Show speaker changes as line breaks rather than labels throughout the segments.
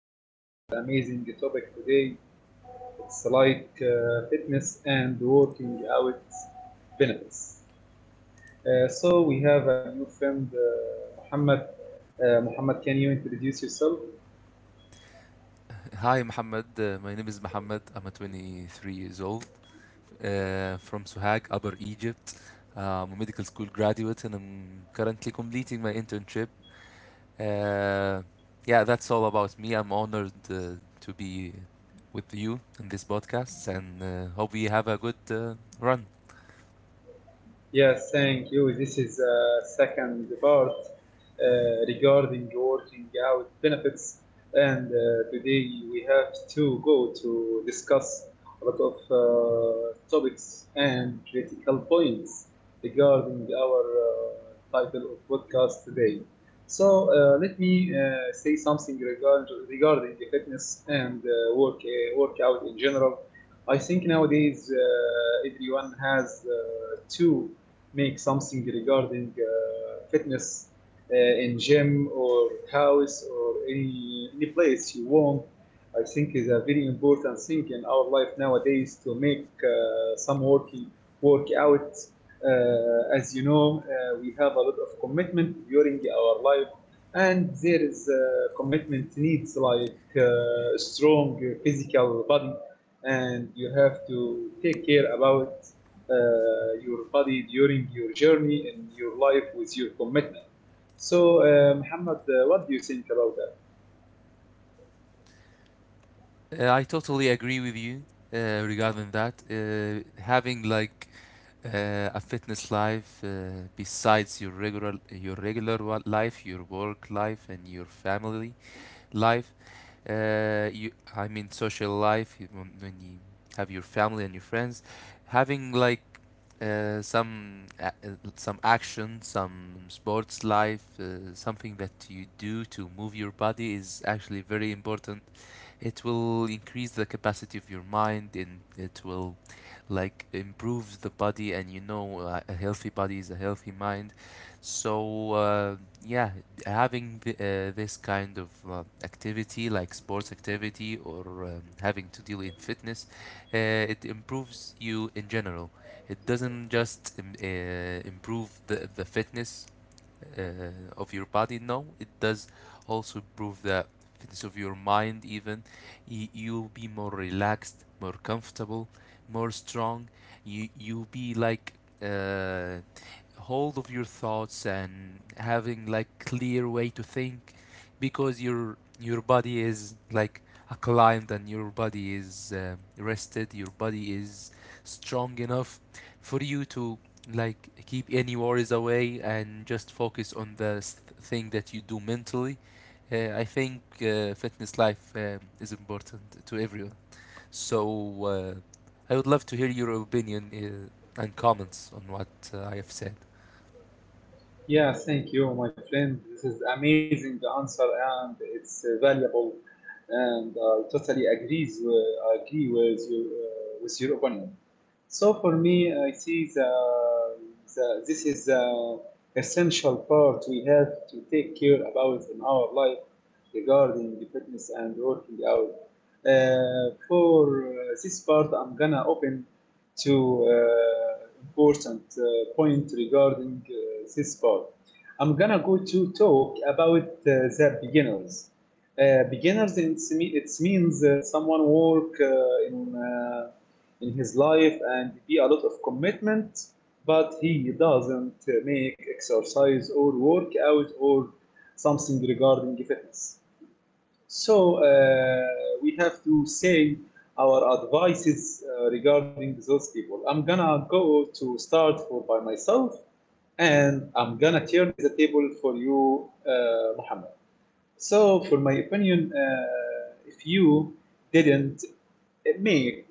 and this is amazing topic today. It's like fitness and working out benefits. So we have a new friend, Muhammad. Muhammad, can you introduce yourself?
Hi, Mohammed. My name is Mohammed. I'm a 23 years old from Sohag, Upper Egypt. I'm a medical school graduate, and I'm currently completing my internship. Uh, yeah, that's all about me. I'm honored to be with you in this podcast, and hope we have a good run.
Yes, thank you. This is second part regarding working out benefits, and today we have to go to discuss a lot of topics and critical points regarding our title of podcast today. So let me say something regarding the fitness and workout in general. I think nowadays everyone has to make something regarding fitness in gym or house or any place you want. I think is a very important thing in our life nowadays to make some working workout. As you know, we have a lot of commitment during our life, and there is commitment needs like strong physical body and you have to take care about your body during your journey and your life with your commitment. So, Muhammad, what do you think about that?
I totally agree with you regarding that. Having like A fitness life, besides your regular life, your work life, and your family life. Uh, you, I mean, social life when you have your family and your friends, having like some action, some sports life, something that you do to move your body is actually very important. It will increase the capacity of your mind, and it will like improves the body. And you know, a healthy body is a healthy mind. So yeah, having this kind of activity, like sports activity, or having to deal in fitness, it improves you in general. It doesn't just improve the fitness uh, of your body. No, it does also improve the fitness of your mind, even. You'll be more relaxed, more comfortable, more strong. You'll be like uh, hold of your thoughts and having like clear way to think, because your body is like acclimated, and your body is rested, your body is strong enough for you to like keep any worries away and just focus on thing that you do mentally. I think fitness life is important to everyone. So I would love to hear your opinion and comments on what I have said.
Yeah, thank you, my friend. This is amazing answer, and it's valuable. And I totally agree with you with your opinion. So for me, I see the this is the essential part we have to take care about in our life regarding the fitness and working out. For this part, I'm gonna open to important point regarding this part. I'm gonna go to talk about the beginners. Beginners, it means someone work in his life and be a lot of commitment, but he doesn't make exercise or workout or something regarding fitness. So we have to say our advices regarding those people. I'm gonna go to start for by myself, and I'm gonna turn the table for you, Muhammad. So, for my opinion, if you didn't make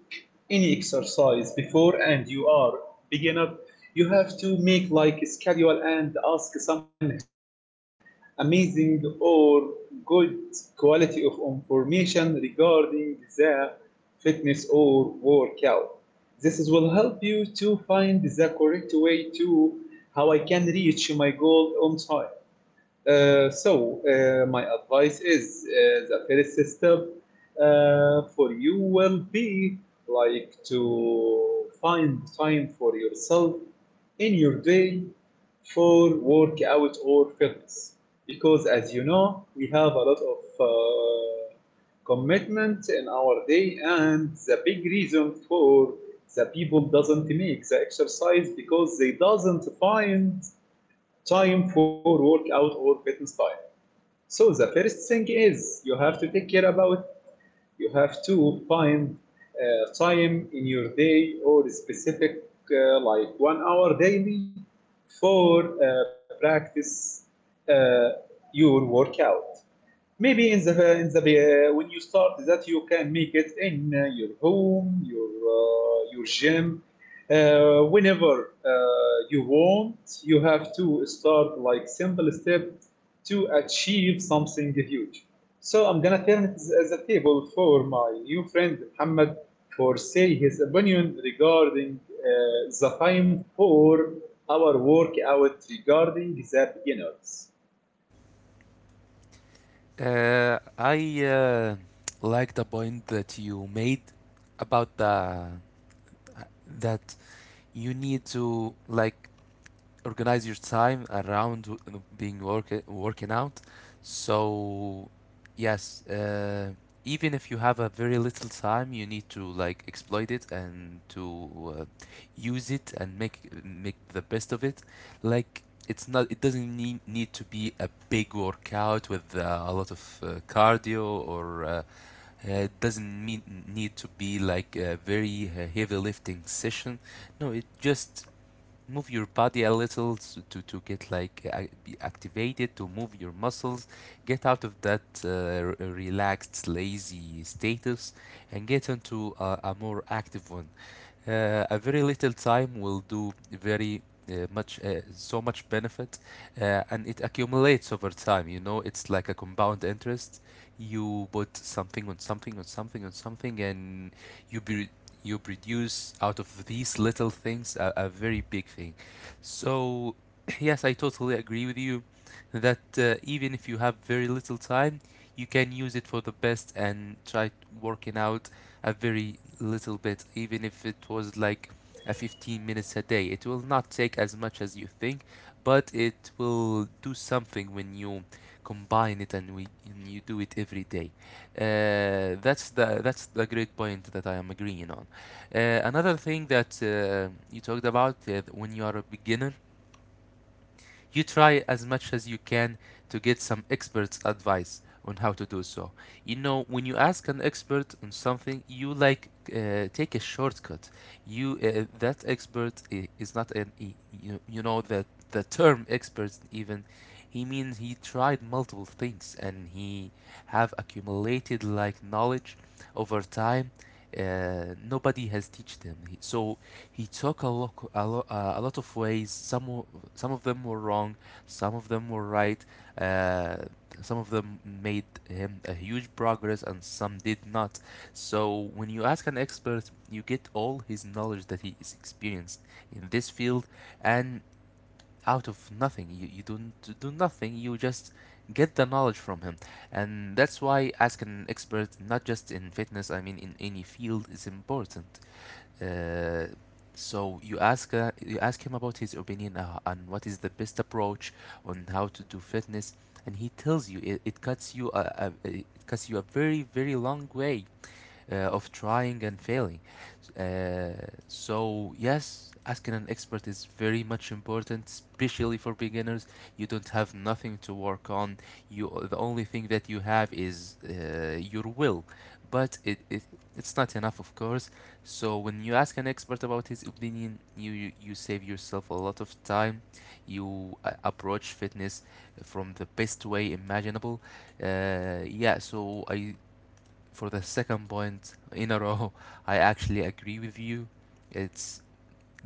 any exercise before and you are beginner, you have to make like a schedule and ask someone has amazing or good quality of information regarding the fitness or workout. This is will help you to find the correct way to how I can reach my goal on time. So, my advice is the first step for you will be like to find time for yourself in your day for workout or fitness. Because, as you know, we have a lot of commitment in our day, and the big reason for the people doesn't make the exercise because they doesn't find time for workout or fitness time. So the first thing is you have to take care about you have to find time in your day or specific like 1 hour daily for practice uh, your workout maybe in the when you start that you can make it in your home your gym whenever you want. You have to start like simple step to achieve something huge. So I'm gonna turn it as a table for my new friend Muhammad for say his opinion regarding the time for our workout regarding the beginners.
I like the point that you made about the that you need to like organize your time around working out. So, yes, even if you have a very little time, you need to like exploit it and to use it and make the best of it. Like, it doesn't need to be a big workout with a lot of cardio, or it doesn't need to be like a very heavy lifting session. No, it just move your body a little to get like be activated, to move your muscles, get out of that relaxed lazy status, and get into a more active one. A very little time will do very much, so much benefit. And it accumulates over time. You know, it's like a compound interest. You put something on something on something on something, and you be you produce out of these little things a very big thing. So yes, I totally agree with you that even if you have very little time, you can use it for the best and working out a very little bit, even if it was like a 15 minutes a day. It will not take as much as you think, but it will do something when you combine it, and you do it every day. That's the great point that I am agreeing on. Another thing that you talked about: when you are a beginner, you try as much as you can to get some experts' advice on how to do so. You know, when you ask an expert on something, you like take a shortcut. You that expert is not an you know that the term expert, even, he means he tried multiple things and he have accumulated like knowledge over time. Nobody has taught them, so he took a look, a, lo- a lot of ways. Some of them were wrong, some of them were right. Uh, some of them made him a huge progress, and some did not. So when you ask an expert, you get all his knowledge that he is experienced in this field, and out of nothing, you don't do nothing. You just get the knowledge from him, and that's why ask an expert, not just in fitness. I mean, in any field, is important. Uh, so you ask him about his opinion on what is the best approach on how to do fitness, and he tells you it cuts you a very very long way of trying and failing. So, yes, asking an expert is very much important, especially for beginners. You don't have nothing to work on. You, the only thing that you have is your will, but it's not enough, of course. So when you ask an expert about his opinion, you save yourself a lot of time. You approach fitness from the best way imaginable. Yeah, so I, for the second point in a row, I actually agree with you. It's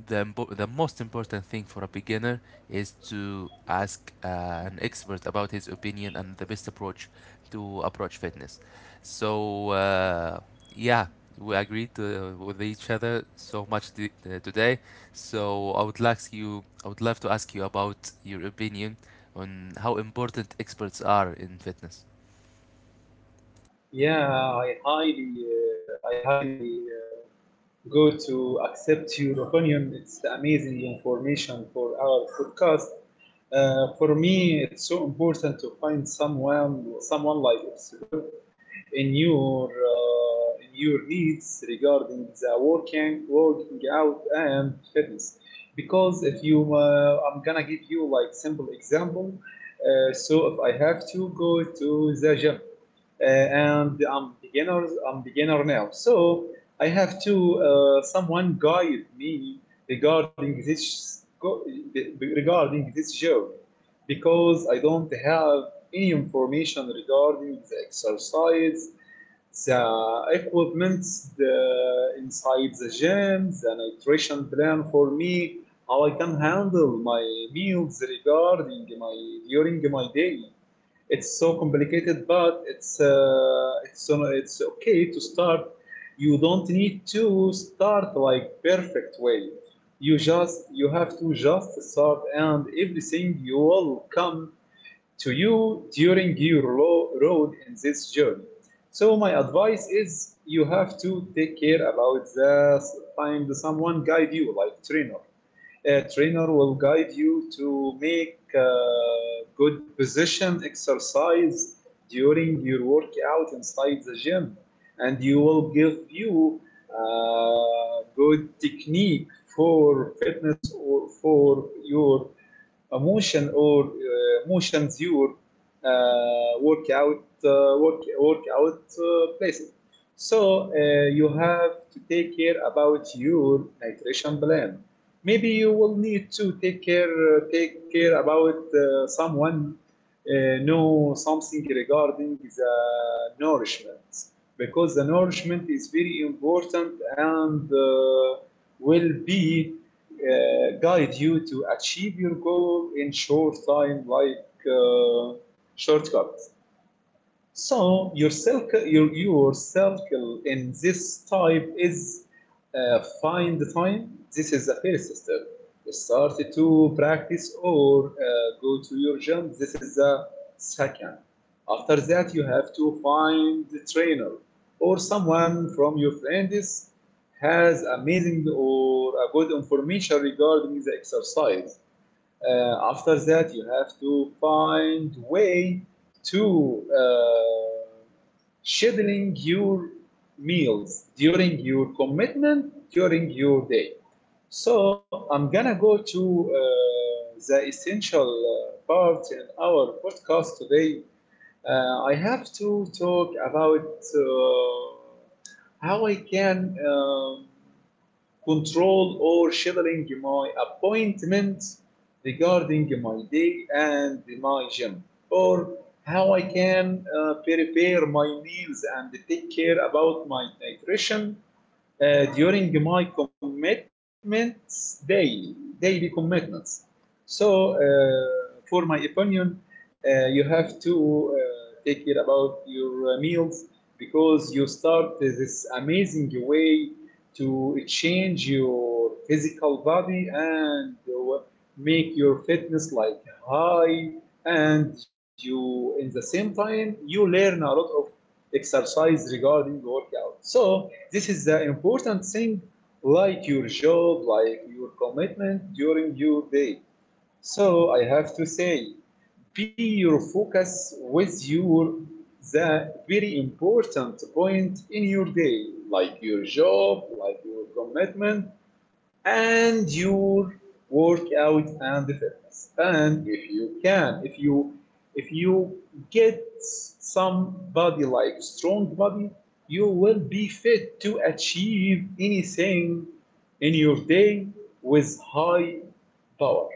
the the most important thing for a beginner is to ask an expert about his opinion and the best approach to approach fitness. So yeah, we agreed to, with each other so much today. So I would like you, I would love to ask you about your opinion on how important experts are in fitness.
I highly go to accept your opinion. It's the amazing information for our podcast. For me, it's so important to find someone, someone like yourself in your needs regarding the working out, and fitness. Because if you, I'm gonna give you like simple example. So if I have to go to the gym, and I'm beginner now. So I have to someone guide me regarding this regarding this job because I don't have any information regarding the exercise, the equipment the inside the gym, the nutrition plan for me, how I can handle my meals regarding my during my day. It's so complicated, but it's okay to start. You don't need to start like perfect way. You just you have to just start, and everything you will come to you during your road in this journey. So my advice is you have to take care about the find someone guide you like trainer. A trainer will guide you to make good position exercise during your workout inside the gym, and you will give you good technique for fitness or for your motion or motions your workout places. So you have to take care about your nutrition plan. Maybe you will need to take care about someone know something regarding the nourishment, because the nourishment is very important, and will be guide you to achieve your goal in short time, like uh, shortcut. So your circle in this type is find time. This is a first step. Start to practice or go to your gym. This is the second. After that, you have to find the trainer or someone from your friends has amazing or a good information regarding the exercise. After that, you have to find way to scheduling your meals during your commitment during your day. So I'm gonna go to the essential part in our podcast today. I have to talk about how I can. Control or scheduling my appointments regarding my day and my gym, or how I can prepare my meals and take care about my nutrition during my commitments daily, daily commitments. So, for my opinion, you have to take care about your meals, because you start this amazing way to change your physical body and make your fitness like high, and you in the same time you learn a lot of exercise regarding workout. So this is the important thing, like your job, like your commitment during your day. So I have to say, be your focus with your the very important point in your day, like your job, like your commitment, and your workout and fitness. And if you can, if you get some body like strong body, you will be fit to achieve anything in your day with high power.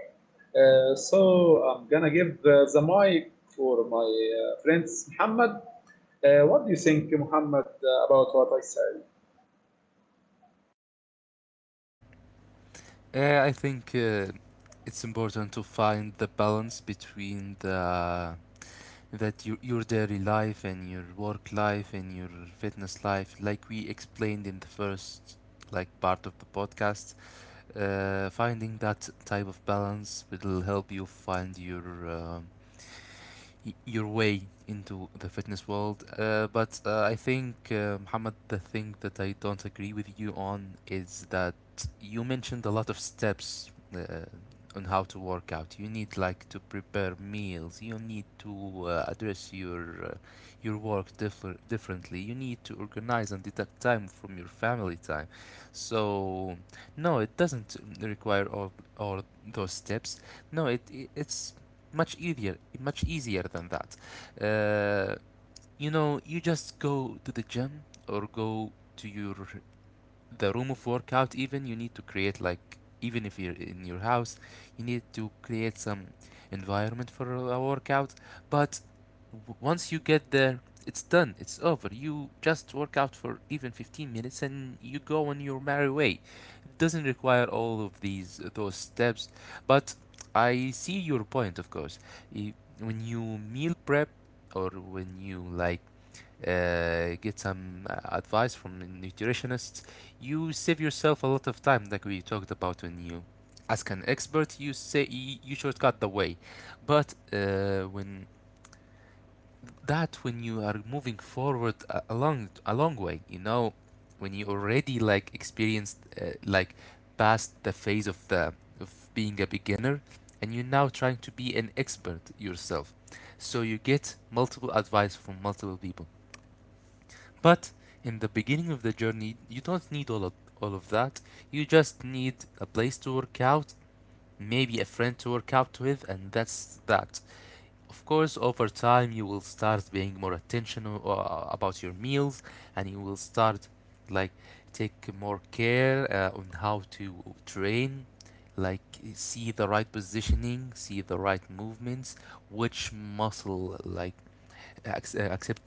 So I'm gonna give the mic for my friends, Muhammad. What do you think, Muhammad, about what I said?
I think it's important to find the balance between the that your daily life and your work life and your fitness life, like we explained in the first like part of the podcast. Finding that type of balance will help you find your your way into the fitness world. But I think, Muhammad, the thing that I don't agree with you on is that you mentioned a lot of steps uh, on how to work out. You need like to prepare meals. You need to address uh, your work differently. You need to organize and deduct time from your family time. So no, it doesn't require all those steps. No, it's much easier, much easier than that. uh, you know, you just go to the gym or go to your the room of workout, even. You need to create like, even if you're in your house, you need to create some environment for a workout. But once you get there, it's done, it's over. You just work out for even 15 minutes and you go on your merry way. It doesn't require all of these those steps. But I see your point, of course. I- when you meal prep, or when you like get some advice from nutritionists, you save yourself a lot of time, like we talked about when you ask an expert. You shortcut the way. But when you are moving forward a, a long way, you know, when you already like experienced like past the phase of the of being a beginner, and you're now trying to be an expert yourself. So you get multiple advice from multiple people. But in the beginning of the journey, you don't need all of that. You just need a place to work out, maybe a friend to work out with, and that's that. Of course, over time, you will start being more attentional about your meals, and you will start like take more care on how to train, like see the right positioning, see the right movements, which muscle like accept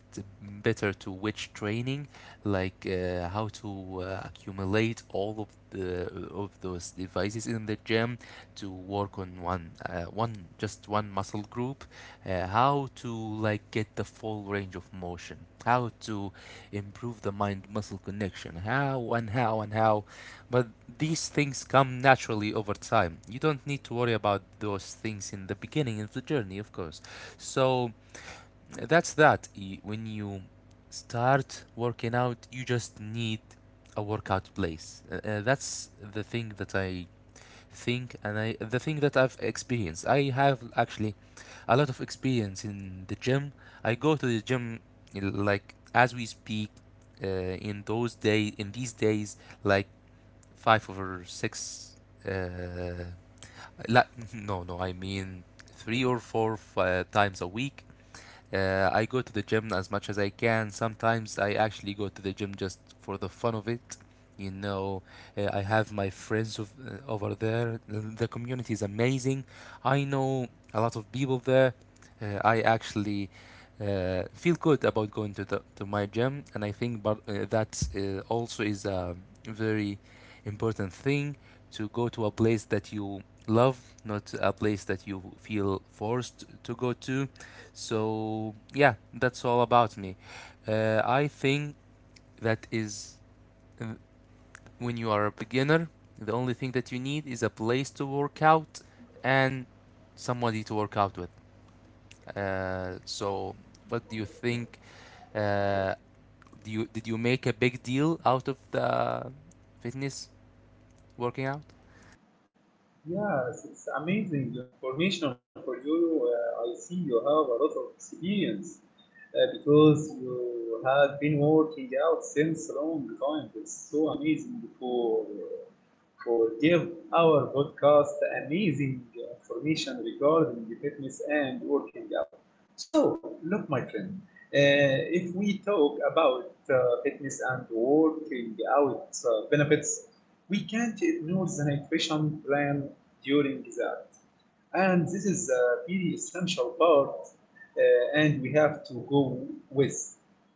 better to which training, like how to accumulate all of the of those devices in the gym to work on one one just one muscle group, how to like get the full range of motion, how to improve the mind muscle connection, how and how and how. But these things come naturally over time. You don't need to worry about those things in the beginning of the journey, of course. So that's that. When you start working out, you just need a workout place. That's the thing that I think, and I, the thing that I've experienced. I have actually a lot of experience in the gym. I go to the gym like as we speak. In these days, like five or six. Uh, la- no, no, I mean three or four times a week. I go to the gym as much as I can. Sometimes I actually go to the gym just for the fun of it. You know, I have my friends of, over there. The community is amazing. I know a lot of people there. I actually feel good about going to to my gym, and I think but that also is a very important thing, to go to a place that you love, not a place that you feel forced to go to. So yeah, that's all about me. I think that is uh, when you are a beginner, the only thing that you need is a place to work out and somebody to work out with. So what do you think? Uh, do you did you make a big deal out of the fitness working out?
Yes, it's amazing information for you. I see you have a lot of experience because you have been working out since a long time. It's so amazing for give our podcast amazing information regarding the fitness and working out. So, look, my friend, if we talk about fitness and working out benefits, we can't ignore the nutrition plan during that. And this is a very essential part, and we have to go with.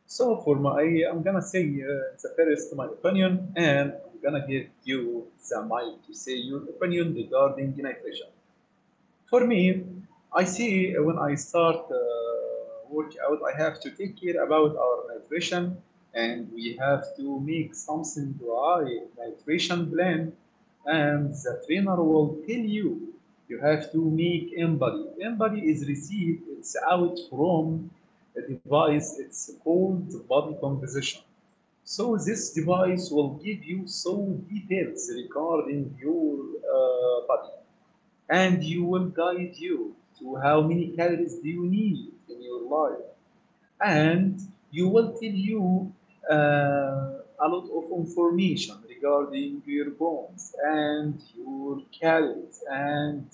So, for my, I'm gonna say the first my opinion, and I'm gonna give you the mic to say your opinion regarding nutrition. For me, I see when I start workout, I have to take care about our nutrition, and we have to make something dry nutrition plan. And the trainer will tell you you have to make embody. Embody is received. It's out from a device. It's called body composition. So this device will give you some details regarding your body, and you will guide you to how many calories do you need in your life, and you will tell you uh, a lot of information regarding your bones and your calories and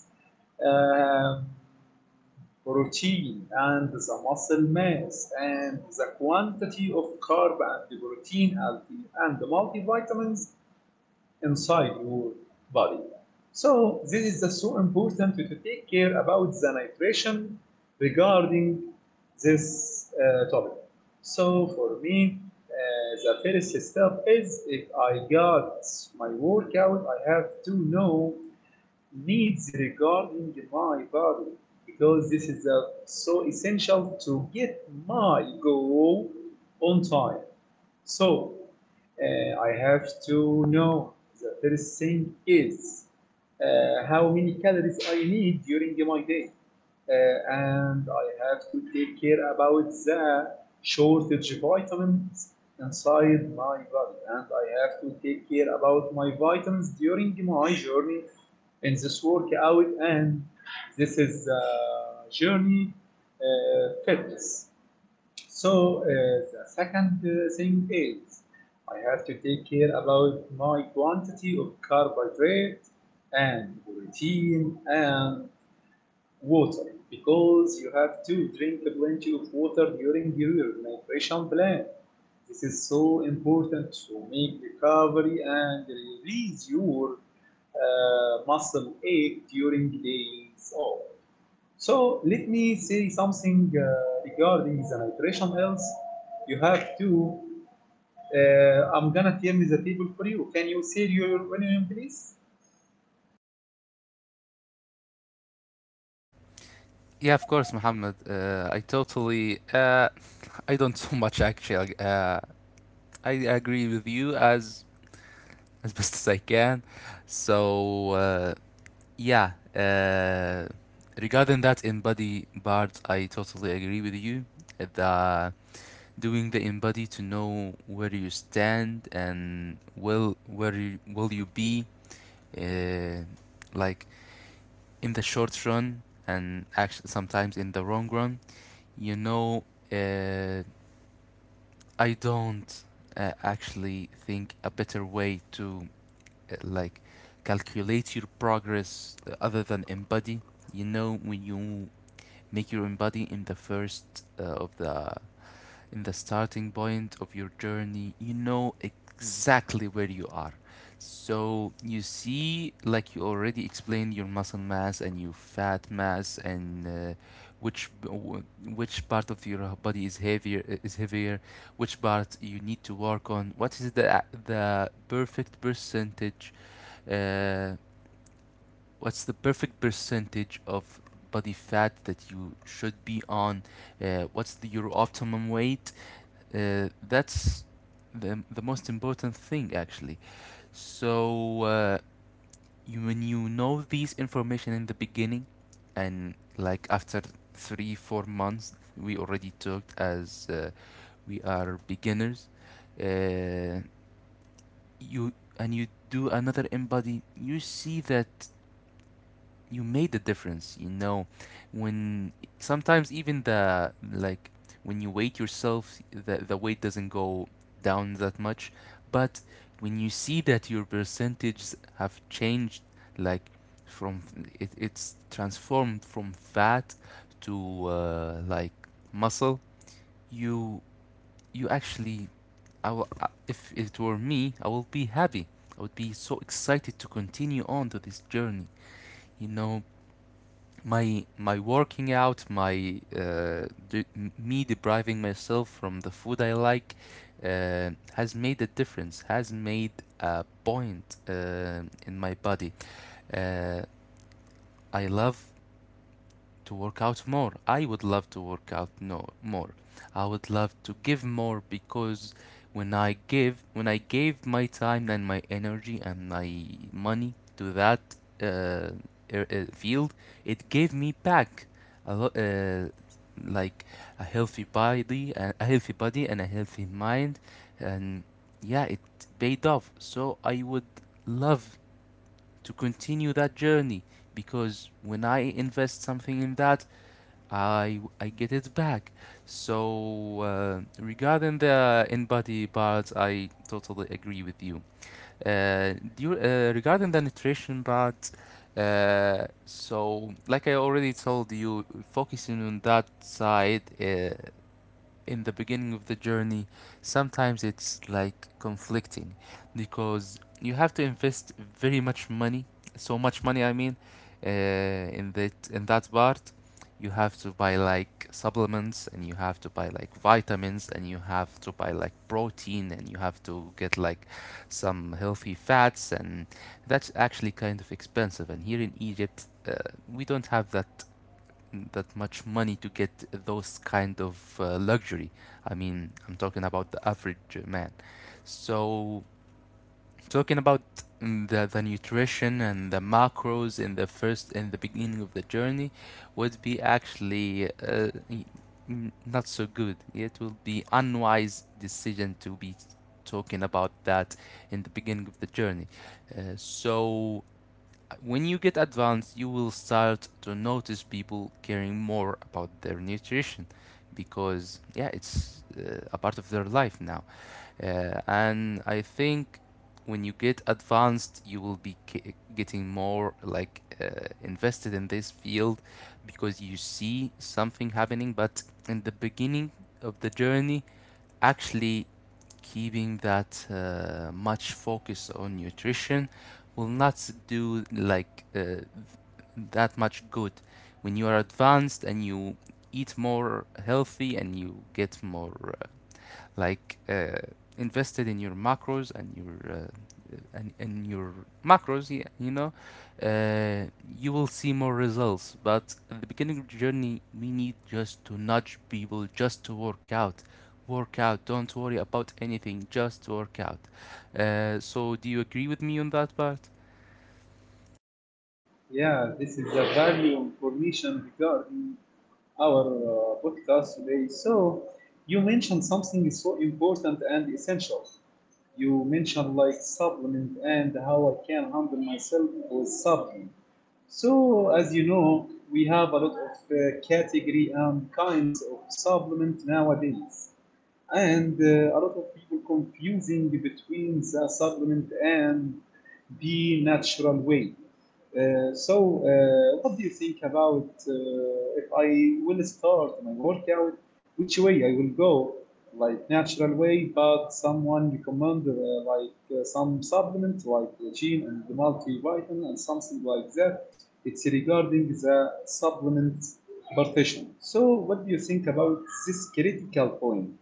um protein and the muscle mass and the quantity of carb and the protein and the multivitamins inside your body. So this is the so important to take care about the nitration regarding this topic. So for me, the first step is if I got my workout, I have to know needs regarding my body, because this is so essential to get my goal on time. So I have to know the first thing is how many calories I need during my day, and I have to take care about the shortage vitamins inside my body, and I have to take care about my vitamins during my journey in this workout, and this is journey fitness. So the second thing is I have to take care about my quantity of carbohydrate and protein and water, because you have to drink plenty of water during your nutrition plan. This is so important to make recovery and release your muscle ache during days off. So let me say something regarding the nitration else. You have to. I'm gonna turn the table for you. Can you say your name, please?
Yeah, of course, Muhammad. I totally. I don't so much actually. I agree with you as as best as I can. So yeah, regarding that embody part, I totally agree with you. The Doing the embody to know where you stand and will you be, uh, like in the short run and actually sometimes in the wrong run. You know, uh, I don't actually think a better way to like calculate your progress other than embody. You know, when you make your embody in the first of the in the starting point of your journey, you know exactly where you are. So you see, like you already explained, your muscle mass and your fat mass, and which part of your body is heavier, which part you need to work on. What is the perfect percentage? uh, what's the perfect percentage of body fat that you should be on? What's your optimum weight? That's the most important thing, actually. So when you know these information in the beginning, and like after three, 4 months, we already talked as we are beginners. Uh, you and you do another in body, you see that you made the difference. You know, when sometimes even the, like when you weight yourself, the weight doesn't go down that much. But when you see that your percentages have changed, like from it's transformed from fat to like muscle, you actually, if it were me, I will be happy. I would be so excited to continue on to this journey. You know, my working out, me depriving myself from the food I like, has made a difference. Has made a point in my body. Uh, I love to work out more. I would love to work out no, more. I would love to give more because when I gave my time and my energy and my money to that uh, field, it gave me back a lot, like a healthy body, and a healthy mind, and yeah, it paid off. So I would love to continue that journey, because when I invest something in that, I get it back. So regarding the in-body parts, I totally agree with you. Do you regarding the nutrition part, so like I already told you, focusing on that side in the beginning of the journey, sometimes it's like conflicting because you have to invest very much money, so much money, I mean, in that part. You have to buy like supplements, and you have to buy like vitamins, and you have to buy like protein, and you have to get like some healthy fats, and that's actually kind of expensive. And here in Egypt, we don't have that much money to get those kind of luxury. I mean, I'm talking about the average man. So, talking about the nutrition and the macros in the beginning of the journey would be actually not so good. It will be unwise decision to be talking about that in the beginning of the journey. So when you get advanced, you will start to notice people caring more about their nutrition, because yeah, it's a part of their life now. And I think when you get advanced, you will be getting more like invested in this field because you see something happening. But in the beginning of the journey, actually, keeping that much focus on nutrition will not do like that much good. When you are advanced and you eat more healthy and you get more like uh, invested in your macros and your in your macros, yeah, you know, uh, you will see more results. But at the beginning of the journey, we need just to nudge people just to work out. Work out, don't worry about anything, just work out. So do you agree with me on that part?
Yeah, this is the value information regarding our podcast today. So you mentioned something is so important and essential. You mentioned like supplement and how I can handle myself with supplement. So, as you know, we have a lot of category and kinds of supplement nowadays, and a lot of people confusing between the supplement and the natural way. So, what do you think about if I will start my workout? Which way I will go? Like natural way, but someone recommended some supplement like the gene and the multivitamin and something like that. It's regarding the supplement partition. So, what do you think about this critical point?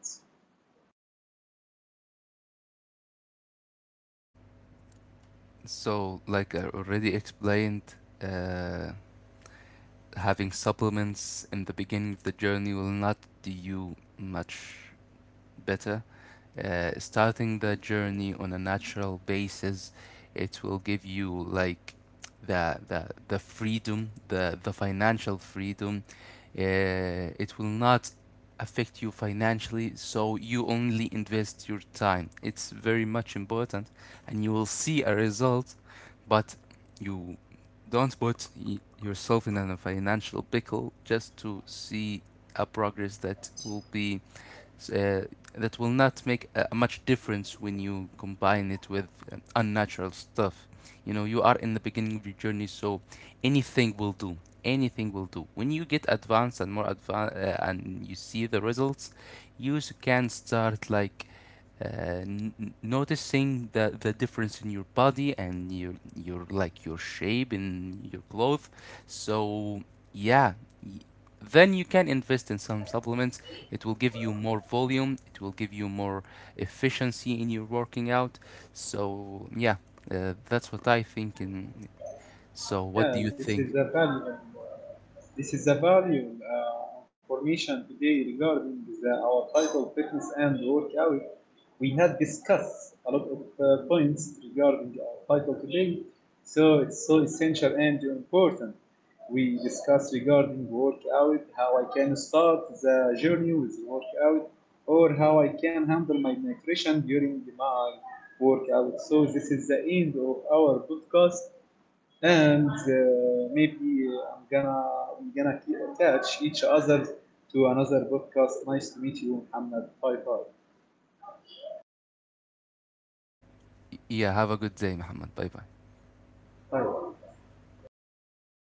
So like I already explained, uh, having supplements in the beginning of the journey will not do you much better. Starting the journey on a natural basis, it will give you like the freedom, the financial freedom. It will not affect you financially, so you only invest your time. It's very much important, and you will see a result, but you don't put yourself in a financial pickle just to see a progress that will be uh, that will not make a much difference when you combine it with unnatural stuff. You know, you are in the beginning of your journey, so anything will do. Anything will do. When you get advanced and more advanced, and you see the results, you can start like uh, noticing the difference in your body and your like your shape in your clothes. So yeah, y- then you can invest in some supplements. It will give you more volume, it will give you more efficiency in your working out. So yeah, that's what I think. And so, what do you
Yeah, this
think?
is a valuable, information today regarding our title fitness and workout. We had discussed a lot of points regarding our title today, so it's so essential and important. We discussed regarding workout, how I can start the journey with workout, or how I can handle my nutrition during my workout. So this is the end of our podcast, and maybe I'm gonna I'm gonna keep attach each other to another podcast. Nice to meet you, Muhammad. Bye bye.
Yeah, have a good day, Muhammad. Bye bye.
Bye.